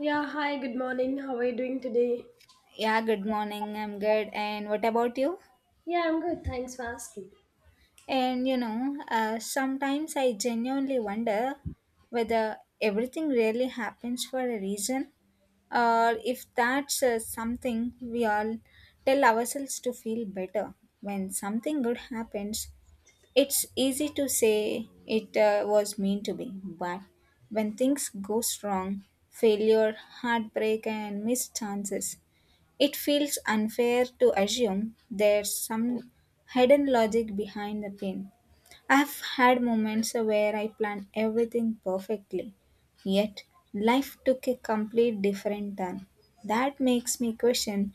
Yeah, hi, good morning. How are you doing today? Yeah, good morning. I'm good. And what about you? Yeah, I'm good. Thanks for asking. And you know, sometimes I genuinely wonder whether everything really happens for a reason or if that's something we all tell ourselves to feel better. When something good happens, it's easy to say it was meant to be. But when things goes wrong, failure, heartbreak, and missed chances. It feels unfair to assume there's some hidden logic behind the pain. I've had moments where I planned everything perfectly, yet life took a complete different turn. That makes me question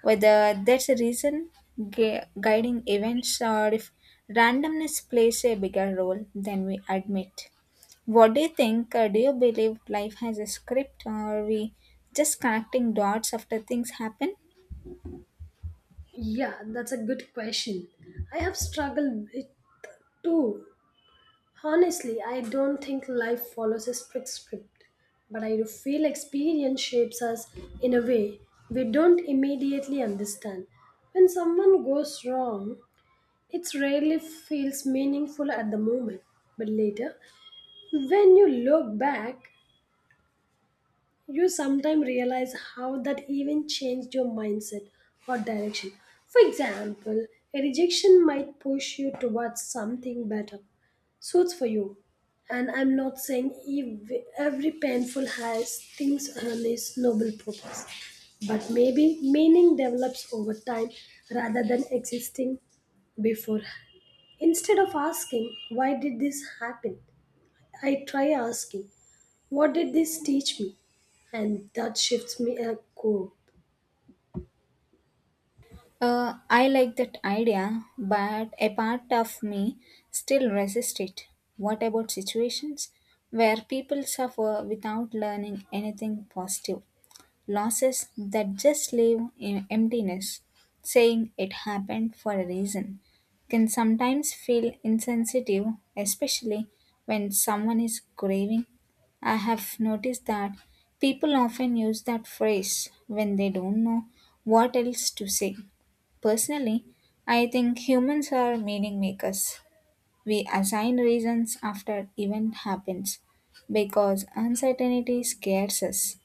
whether that's a reason guiding events or if randomness plays a bigger role than we admit. What do you think? Do you believe life has a script or are we just connecting dots after things happen? Yeah, that's a good question. I have struggled with too. Honestly, I don't think life follows a strict script, but I do feel experience shapes us in a way we don't immediately understand. When someone goes wrong, it rarely feels meaningful at the moment, but later, when you look back, you sometimes realize how that even changed your mindset or direction. For example, a rejection might push you towards something better, suits for you. And I'm not saying every painful has things on its noble purpose, but maybe meaning develops over time rather than existing beforehand. Instead of asking, why did this happen? I try asking, what did this teach me? And that shifts me a core. I like that idea, but a part of me still resists it. What about situations where people suffer without learning anything positive? Losses that just leave in emptiness, saying it happened for a reason, can sometimes feel insensitive, especially when someone is grieving. I have noticed that people often use that phrase when they don't know what else to say. Personally, I think humans are meaning makers. We assign reasons after event happens because uncertainty scares us.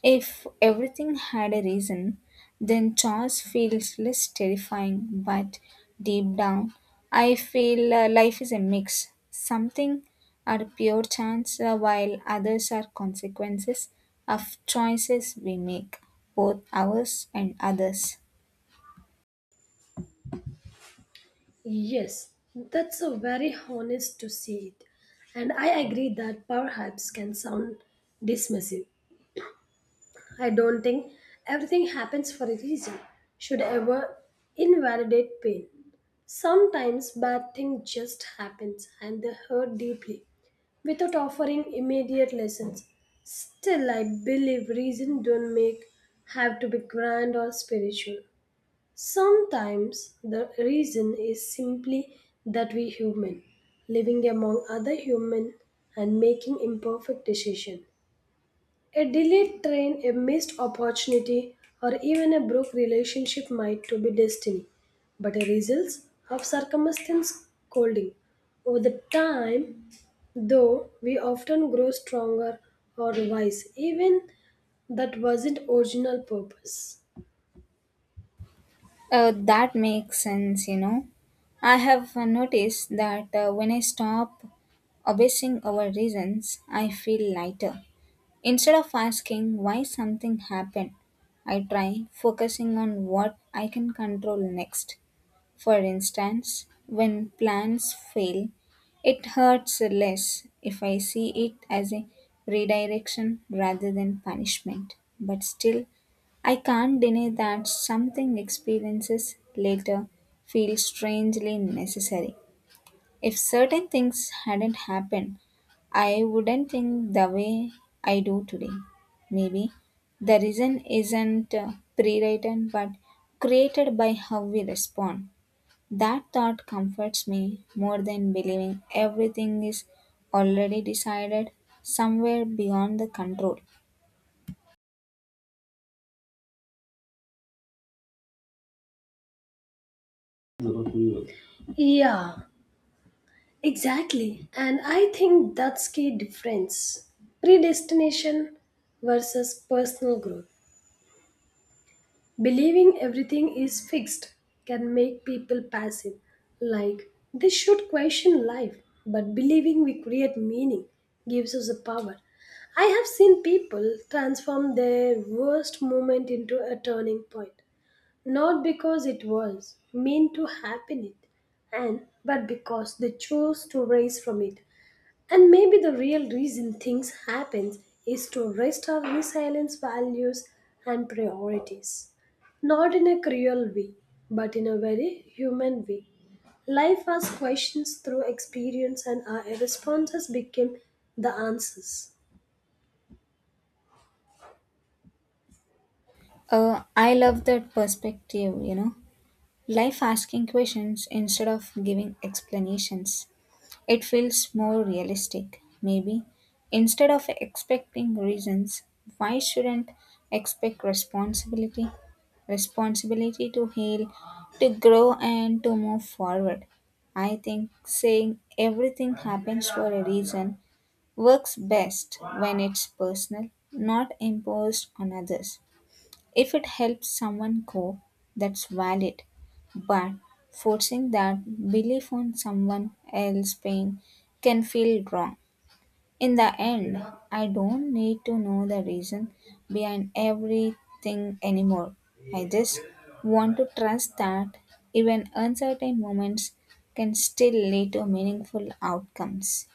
If everything had a reason, then chance feels less terrifying, but deep down, I feel life is a mix. Something are pure chance, while others are consequences of choices we make, both ours and others. Yes, that's a very honest to see it. And I agree that perhaps can sound dismissive. I don't think everything happens for a reason. Should ever invalidate pain. Sometimes bad thing just happens and they hurt deeply without offering immediate lessons. Still, I believe reason don't make have to be grand or spiritual. Sometimes the reason is simply that we human, living among other human and making imperfect decision. A delayed train, a missed opportunity, or even a broke relationship might to be destiny, but a results of circumstance scolding. Over the time, though, we often grow stronger or wise, even that wasn't original purpose. That makes sense, you know. I have noticed that when I stop obsessing over reasons, I feel lighter. Instead of asking why something happened, I try focusing on what I can control next. For instance, when plans fail, it hurts less if I see it as a redirection rather than punishment. But still, I can't deny that something experiences later feel strangely necessary. If certain things hadn't happened, I wouldn't think the way I do today. Maybe the reason isn't pre-written but created by how we respond. That thought comforts me more than believing everything is already decided somewhere beyond the control. Yeah, exactly, and I think that's key difference. Predestination versus personal growth. Believing everything is fixed can make people passive, like they should question life, but believing we create meaning gives us the power. I have seen people transform their worst moment into a turning point, not because it was meant to happen it, and but because they chose to rise from it. And maybe the real reason things happen is to rest our resilience values and priorities. Not in a cruel way, but in a very human way. Life asks questions through experience and our responses become the answers. I love that perspective, you know. Life asking questions instead of giving explanations. It feels more realistic, maybe. Instead of expecting reasons, why shouldn't expect responsibility? Responsibility to heal, to grow, and to move forward. I think saying everything happens for a reason works best when it's personal, not imposed on others. If it helps someone cope, that's valid. But forcing that belief on someone else's pain can feel wrong. In the end, I don't need to know the reason behind everything anymore. I just want to trust that even uncertain moments can still lead to meaningful outcomes.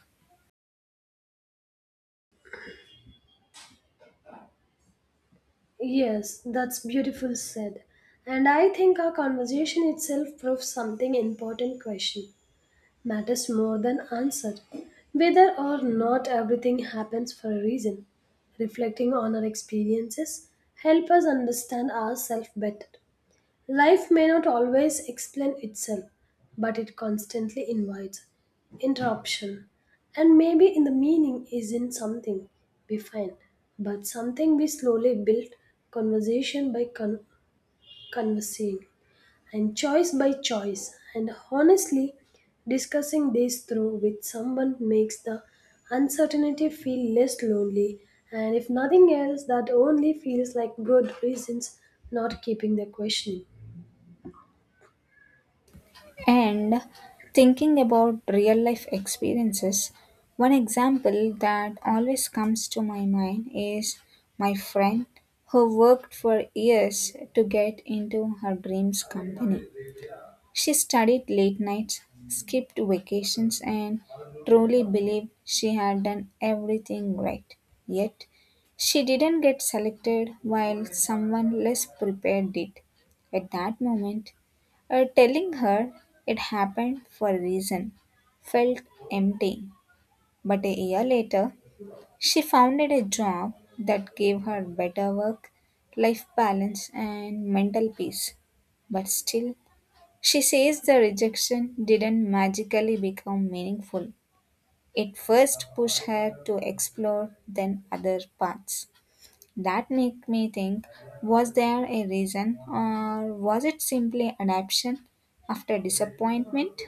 Yes, that's beautiful said. And I think our conversation itself proves something important question. Matters more than answer. Whether or not everything happens for a reason, reflecting on our experiences help us understand ourselves better. Life may not always explain itself, but it constantly invites interruption. And maybe in the meaning is in something we find, but something we slowly build conversation by conversing and choice by choice. And honestly, discussing this through with someone makes the uncertainty feel less lonely. And if nothing else, that only feels like good reasons not keeping the question. And thinking about real life experiences, one example that always comes to my mind is my friend who worked for years to get into her dreams company. She studied late nights, skipped vacations, and truly believed she had done everything right. Yet, she didn't get selected while someone less prepared did. At that moment, telling her it happened for a reason felt empty. But a year later, she founded a job that gave her better work, life balance, and mental peace. But still, she says the rejection didn't magically become meaningful. It first pushed her to explore then other paths. That make me think was there a reason or was it simply adaptation after disappointment?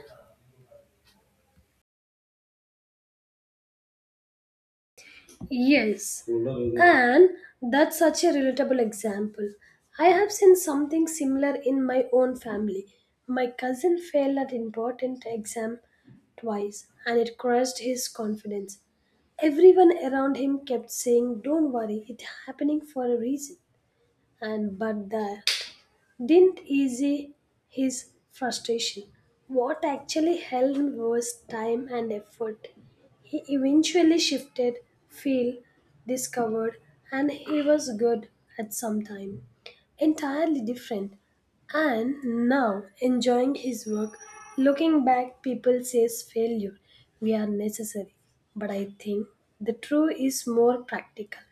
Yes. Mm-hmm. And that's such a relatable example. I have seen something similar in my own family. My cousin failed an important exam twice and it crushed his confidence. Everyone around him kept saying, "Don't worry, it's happening for a reason." And but there didn't ease his frustration. What actually helped was time and effort. He eventually shifted field, discovered, and he was good at some time. Entirely different. And now enjoying his work, looking back, people says failure. We are necessary. But I think the true is more practical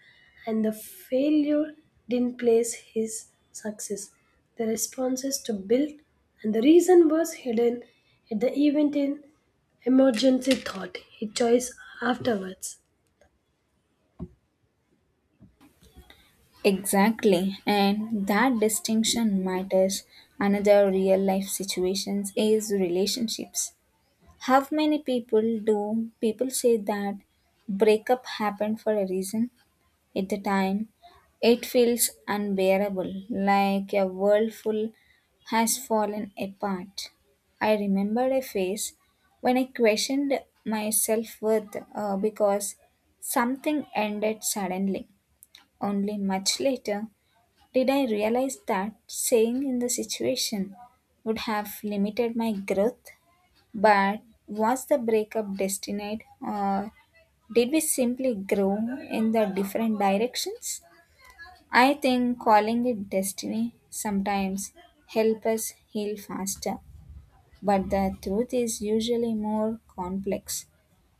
and the failure didn't place his success. The responses to built, and the reason was hidden at the event in emergency thought, he chose afterwards. Exactly, and that distinction matters. Another real life situations is relationships. How many people do people say that breakup happened for a reason at the time, it feels unbearable, like a world full has fallen apart. I remembered a phase when I questioned my self worth because something ended suddenly. Only much later did I realize that staying in the situation would have limited my growth. But was the breakup destined, or did we simply grow in the different directions? I think calling it destiny sometimes help us heal faster, but the truth is usually more complex,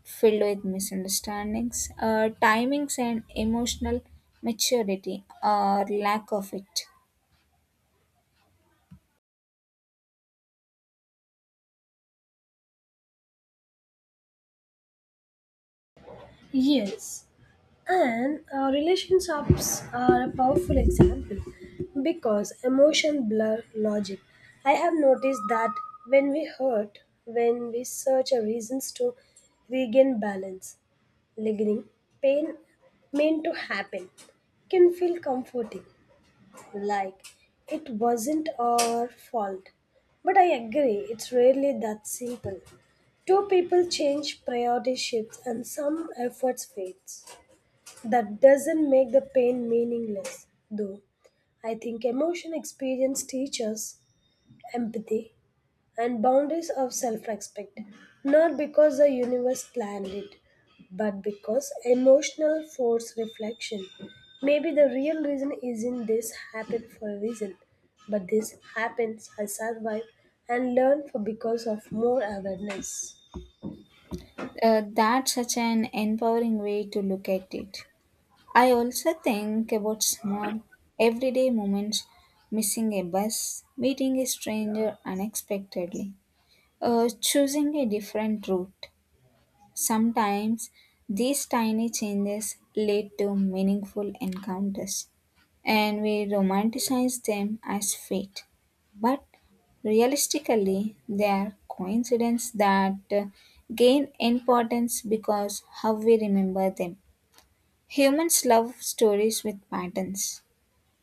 filled with misunderstandings, timings, and emotional maturity or lack of it. Yes, and our relationships are a powerful example because emotion blur logic. I have noticed that when we hurt, when we search our reasons to regain balance, lingering pain meant to happen can feel comforting, like it wasn't our fault. But I agree, it's rarely that simple. Two people change, priority shifts, and some efforts fades. That doesn't make the pain meaningless, though. I think emotion experience teaches empathy and boundaries of self respect, not because the universe planned it, but because emotional force reflection. Maybe the real reason isn't this happened for a reason, but this happens, I survive and learn for because of more awareness. That's such an empowering way to look at it. I also think about small, everyday moments missing a bus, meeting a stranger unexpectedly, choosing a different route. Sometimes these tiny changes lead to meaningful encounters, and we romanticize them as fate. But realistically, they are coincidences that gain importance because how we remember them. Humans love stories with patterns.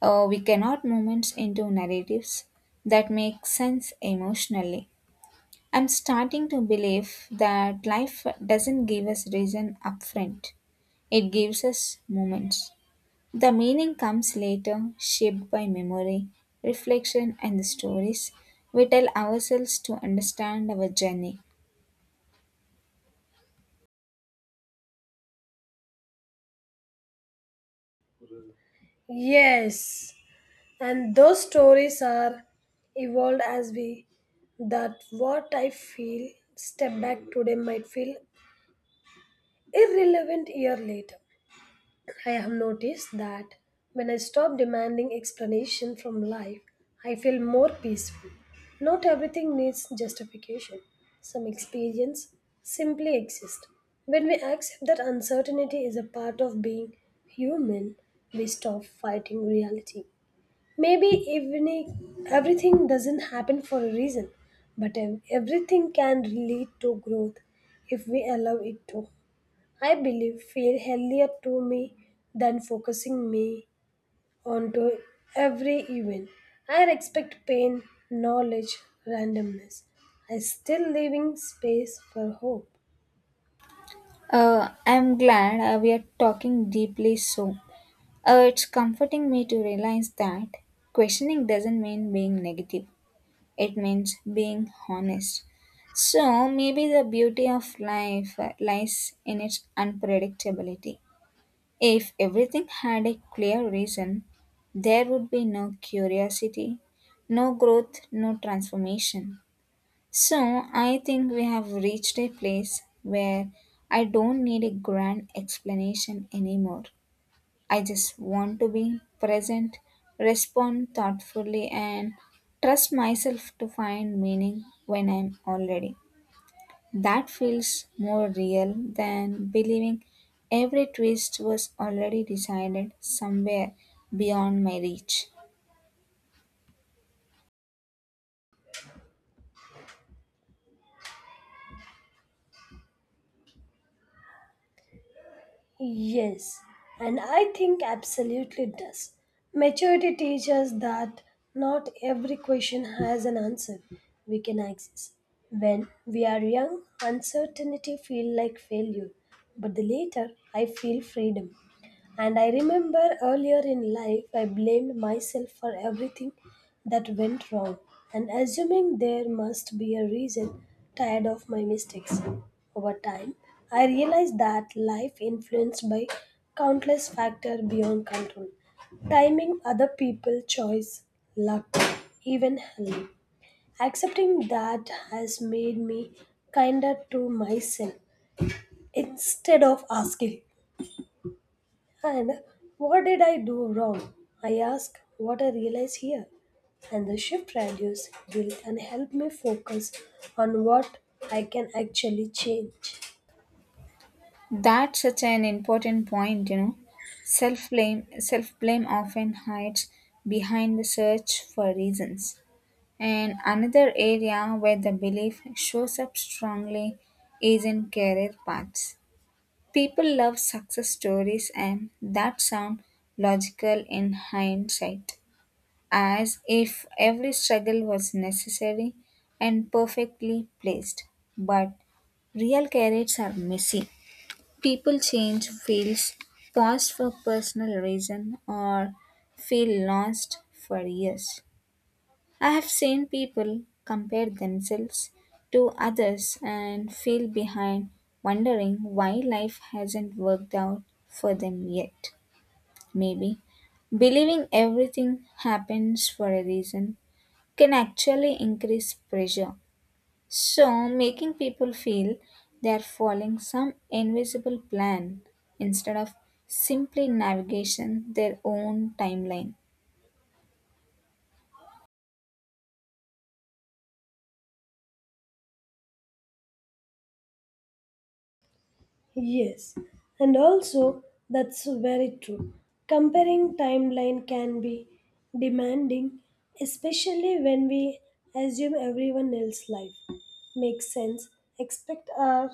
We cannot moments into narratives that make sense emotionally. I'm starting to believe that life doesn't give us reason upfront. It gives us moments. The meaning comes later, shaped by memory, reflection, and the stories we tell ourselves to understand our journey. Yes, and those stories are evolved as we that what I feel step back today might feel irrelevant year later. I have noticed that when I stop demanding explanation from life, I feel more peaceful. Not everything needs justification. Some experience simply exist. When we accept that uncertainty is a part of being human, we stop fighting reality. Maybe even if everything doesn't happen for a reason, but everything can lead to growth if we allow it to. I believe feel healthier to me than focusing me onto every event. I expect pain, knowledge, randomness. I still leaving space for hope. I'm glad we are talking deeply so. It's comforting me to realize that questioning doesn't mean being negative. It means being honest. So maybe the beauty of life lies in its unpredictability. If everything had a clear reason, there would be no curiosity, no growth, no transformation. So I think we have reached a place where I don't need a grand explanation anymore. I just want to be present, respond thoughtfully, and trust myself to find meaning when I'm already. That feels more real than believing every twist was already decided somewhere beyond my reach. Yes, and I think absolutely does. Maturity teaches that not every question has an answer we can access. When we are young, uncertainty feel like failure, but the later I feel freedom. And I remember earlier in life, I blamed myself for everything that went wrong and assuming there must be a reason, tired of my mistakes. Over time, I realized that life influenced by countless factors beyond control timing, other people, choice, luck, even health. Accepting that has made me kinder to myself instead of asking and what did I do wrong? I ask what I realize here. And the shift reduced guilt and help me focus on what I can actually change. That's such an important point, you know. Self blame often hides behind the search for reasons. And another area where the belief shows up strongly is in career paths. People love success stories, and that sound logical in hindsight, as if every struggle was necessary and perfectly placed. But real careers are messy. People change fields, pause for personal reason, or feel lost for years. I have seen people compare themselves to others and feel behind, wondering why life hasn't worked out for them yet. Maybe believing everything happens for a reason can actually increase pressure. So, making people feel they're following some invisible plan instead of simply navigation their own timeline. Yes, and also that's very true. Comparing timeline can be demanding, especially when we assume everyone else's life makes sense, expect our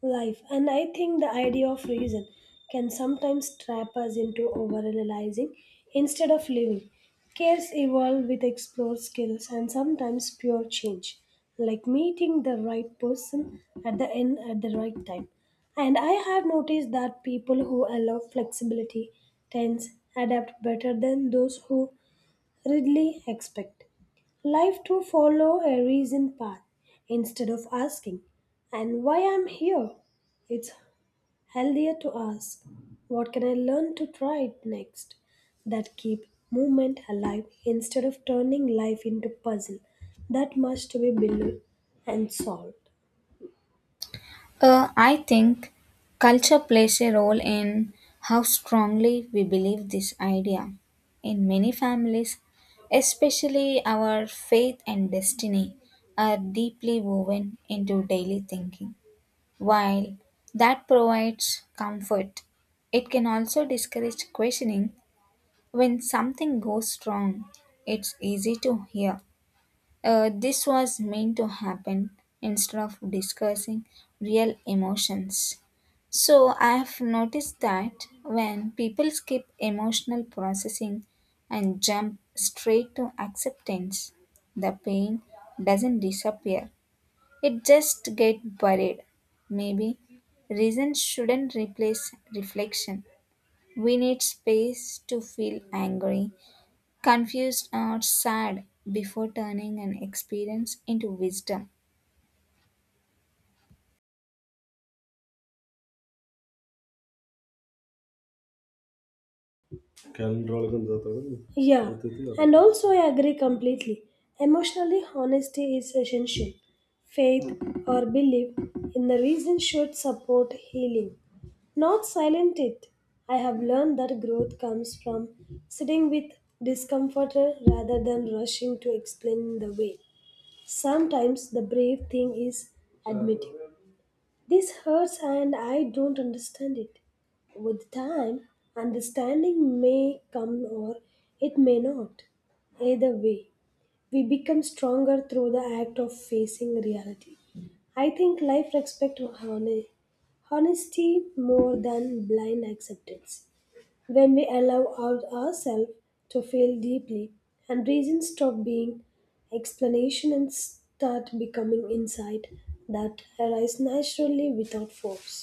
life. And I think the idea of reason can sometimes trap us into overanalyzing instead of living. Cares evolve with explored skills and sometimes pure change, like meeting the right person at the end at the right time. And I have noticed that people who allow flexibility tends adapt better than those who Ridley expect life to follow a reasoned path instead of asking, and why I'm here? It's healthier to ask, what can I learn to try next? That keep movement alive instead of turning life into puzzle that must be built and solved. I think culture plays a role in how strongly we believe this idea. In many families, especially our faith and destiny are deeply woven into daily thinking. While that provides comfort, it can also discourage questioning when something goes wrong. It's easy to hear this was meant to happen instead of discussing real emotions. So, I have noticed that when people skip emotional processing and jump straight to acceptance, the pain doesn't disappear. It just gets buried. Maybe reason shouldn't replace reflection. We need space to feel angry, confused or sad before turning an experience into wisdom. Calendar ಒಳಗೊಂದು ತೊಗೊಂಡು. Yeah, ಗೊತ್ತೈತಿ, and also I agree completely. Emotionally, honesty is essential. Faith or belief in the reason should support healing, not silent it. I have learned that growth comes from sitting with discomfort rather than rushing to explain the way. Sometimes the brave thing is admitting. This hurts and I don't understand it. With time, understanding may come or it may not. Either way, we become stronger through the act of facing reality. I think life respects honesty more than blind acceptance when we allow ourselves to feel deeply, and reasons stop being explanation and start becoming insight that arise naturally without force.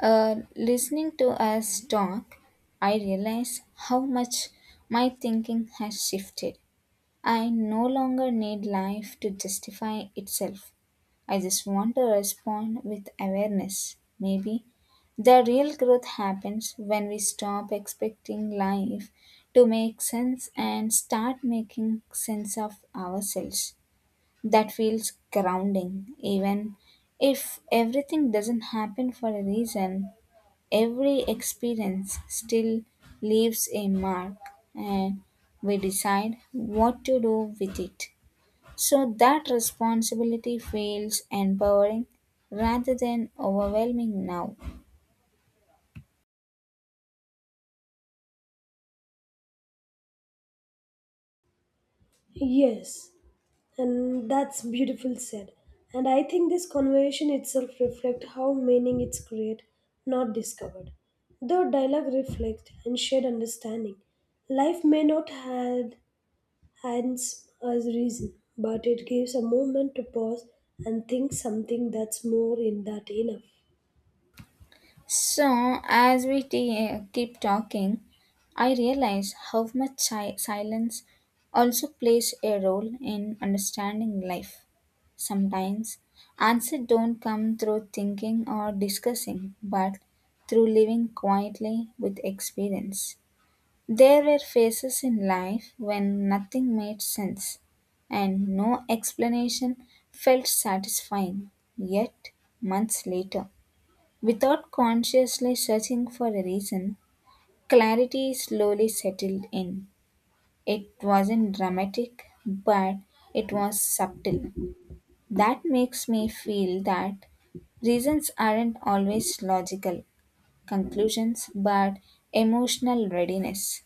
Listening to us talk, I realize how much my thinking has shifted. I no longer need life to justify itself. I just want to respond with awareness. Maybe the real growth happens when we stop expecting life to make sense and start making sense of ourselves. That feels grounding, even if everything doesn't happen for a reason. Every experience still leaves a mark, and we decide what to do with it. So that responsibility feels empowering rather than overwhelming now. Yes, and that's beautiful said. And I think this conversation itself reflects how meaning it's created, not discovered. Though dialogue reflects and shared understanding, life may not had hence, as reason, but it gives a moment to pause and think something that's more in that enough. So, as we keep talking, I realize how much silence also plays a role in understanding life. Sometimes answers don't come through thinking or discussing, but through living quietly with experience. There were phases in life when nothing made sense and no explanation felt satisfying. Yet, months later, without consciously searching for a reason, clarity slowly settled in. It wasn't dramatic, but it was subtle. That makes me feel that reasons aren't always logical conclusions, but emotional readiness.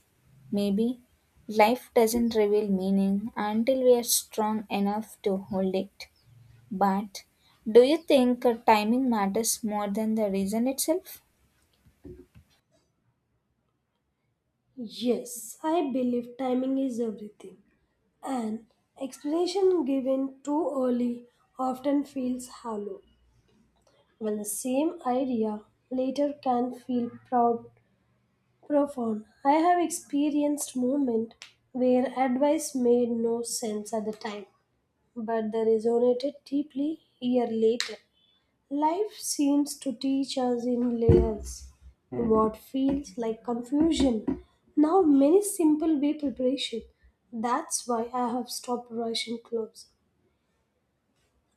Maybe life doesn't reveal meaning until we are strong enough to hold it. But do you think timing matters more than the reason itself? Yes, I believe timing is everything. An explanation given too early often feels hollow, while the same idea later can feel proud, profound. I have experienced moments where advice made no sense at the time, but they resonated deeply year later. Life seems to teach us in layers what feels like confusion. Now, many simple way preparation. That's why I have stopped rushing clothes.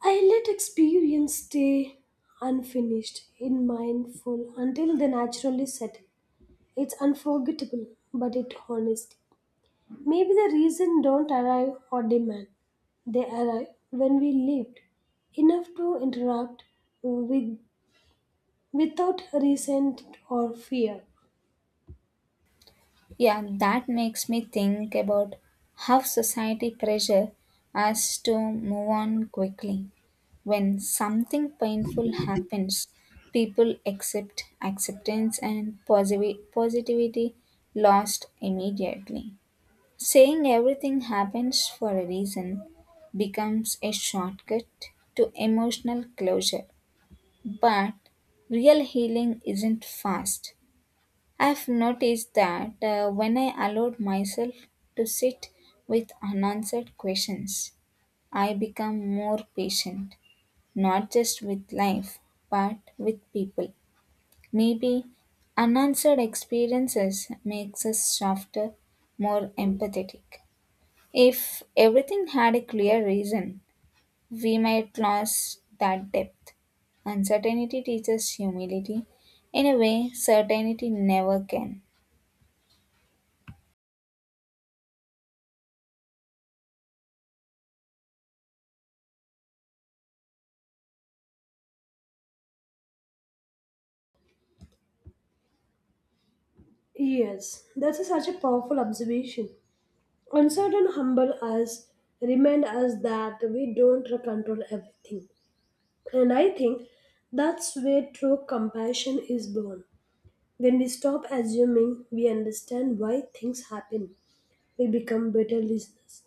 I let experience stay unfinished in mindful until they naturally settle. It's unforgettable, but it honest. Maybe the reason don't arrive or demand. They arrive when we lived enough to interact with without resent or fear. Yeah, that makes me think about how society pressure us to move on quickly. When something painful happens, people accept acceptance and positivity lost immediately. Saying everything happens for a reason becomes a shortcut to emotional closure. But real healing isn't fast. I've noticed that when I allowed myself to sit with unanswered questions, I become more patient, not just with life, but with people. Maybe unanswered experiences makes us softer, more empathetic. If everything had a clear reason, we might lose that depth. Uncertainty teaches humility in a way certainty never can. Yes, that's such a powerful observation. Uncertain humble us, remind us that we don't control everything. And I think that's where true compassion is born. When we stop assuming we understand why things happen, we become better listeners.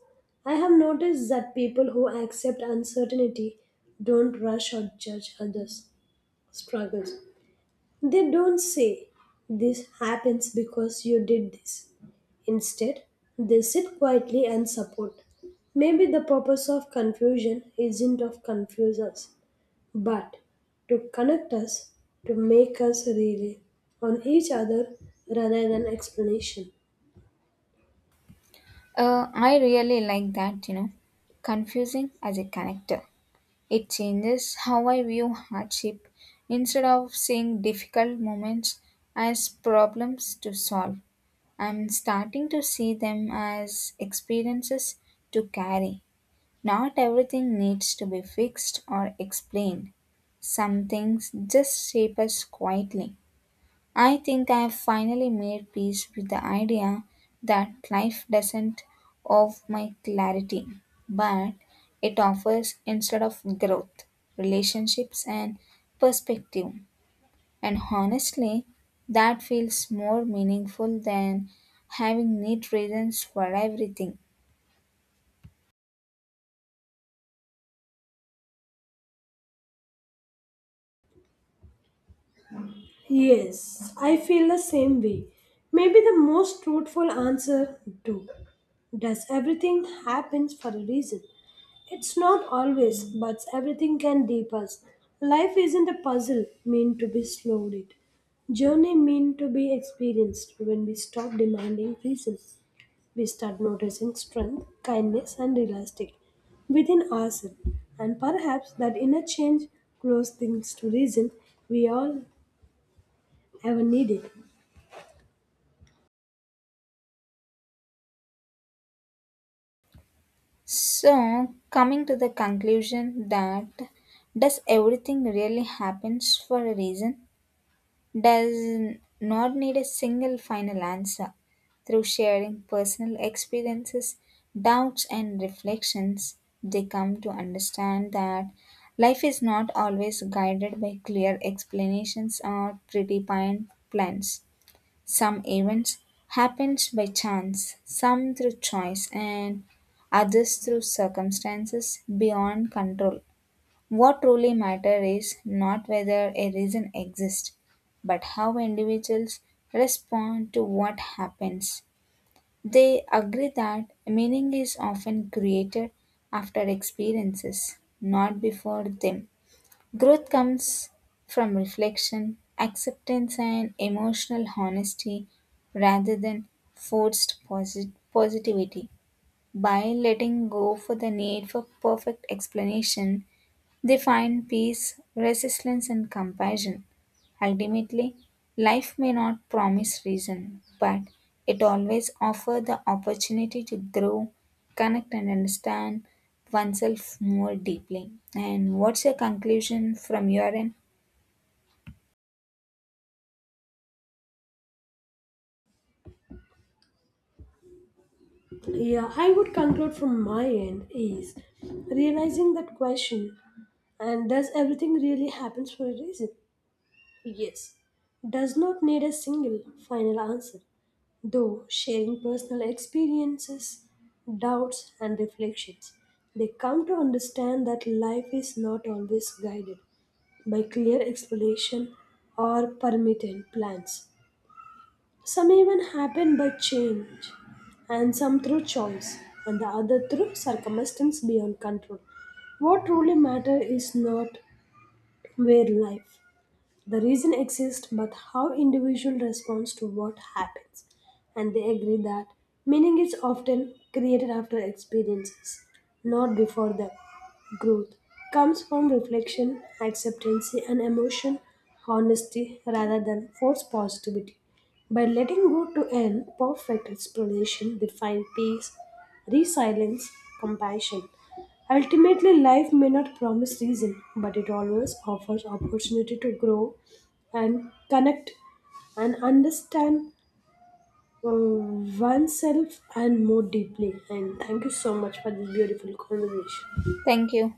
I have noticed that people who accept uncertainty don't rush or judge others' struggles. They don't say, "This happens because you did this." Instead, they sit quietly and support. Maybe the purpose of confusion isn't of confuse us, but to connect us, to make us rely on each other rather than explanation. I really like that, you know. Confusing as a connector. It changes how I view hardship. Instead of seeing difficult moments as problems to solve, I'm starting to see them as experiences to carry. Not everything needs to be fixed or explained. Some things just shape us quietly. I think I have finally made peace with the idea that life doesn't offer my clarity, but it offers instead of growth, relationships, and perspective. And honestly, that feels more meaningful than having neat reasons for everything. Yes, I feel the same way. Maybe the most truthful answer, do. Does everything happens for a reason? It's not always, but everything can deep us. Life isn't a puzzle meant to be slowed it. Journey meant to be experienced when we stop demanding reasons. We start noticing strength, kindness and elastic within ourselves. And perhaps that inner change grows things to reason we all ever needed. So, coming to the conclusion that does everything really happens for a reason? Does not need a single final answer. Through sharing personal experiences, doubts, and reflections, they come to understand that life is not always guided by clear explanations or predefined plans. Some events happens by chance, some through choice, and others through circumstances beyond control. What truly matters is not whether a reason exists, but how individuals respond to what happens. They agree that meaning is often created after experiences, not before them. Growth comes from reflection, acceptance, and emotional honesty rather than forced positivity. By letting go for the need for perfect explanation, they find peace, resilience, and compassion. Ultimately, life may not promise reason, but it always offers the opportunity to grow, connect, and understand oneself more deeply. And what's your conclusion from your end? Yeah, I would conclude from my end is realizing that question and does everything really happens for a reason? Yes, does not need a single final answer, though sharing personal experiences, doubts, and reflections, they come to understand that life is not always guided by clear explanation or permitted plans. Some even happen by change, and some through choice, and the other through circumstance beyond control. What truly matters is not where life the reason exists, but how individual responds to what happens. And they agree that meaning is often created after experiences, not before them. Growth comes from reflection, acceptance, and emotion, honesty rather than forced positivity. By letting go to an perfect explanation, they find peace, resilience, compassion. Ultimately, life may not promise reason, but it always offers opportunity to grow and connect and understand oneself and more deeply. And thank you so much for this beautiful conversation. Thank you.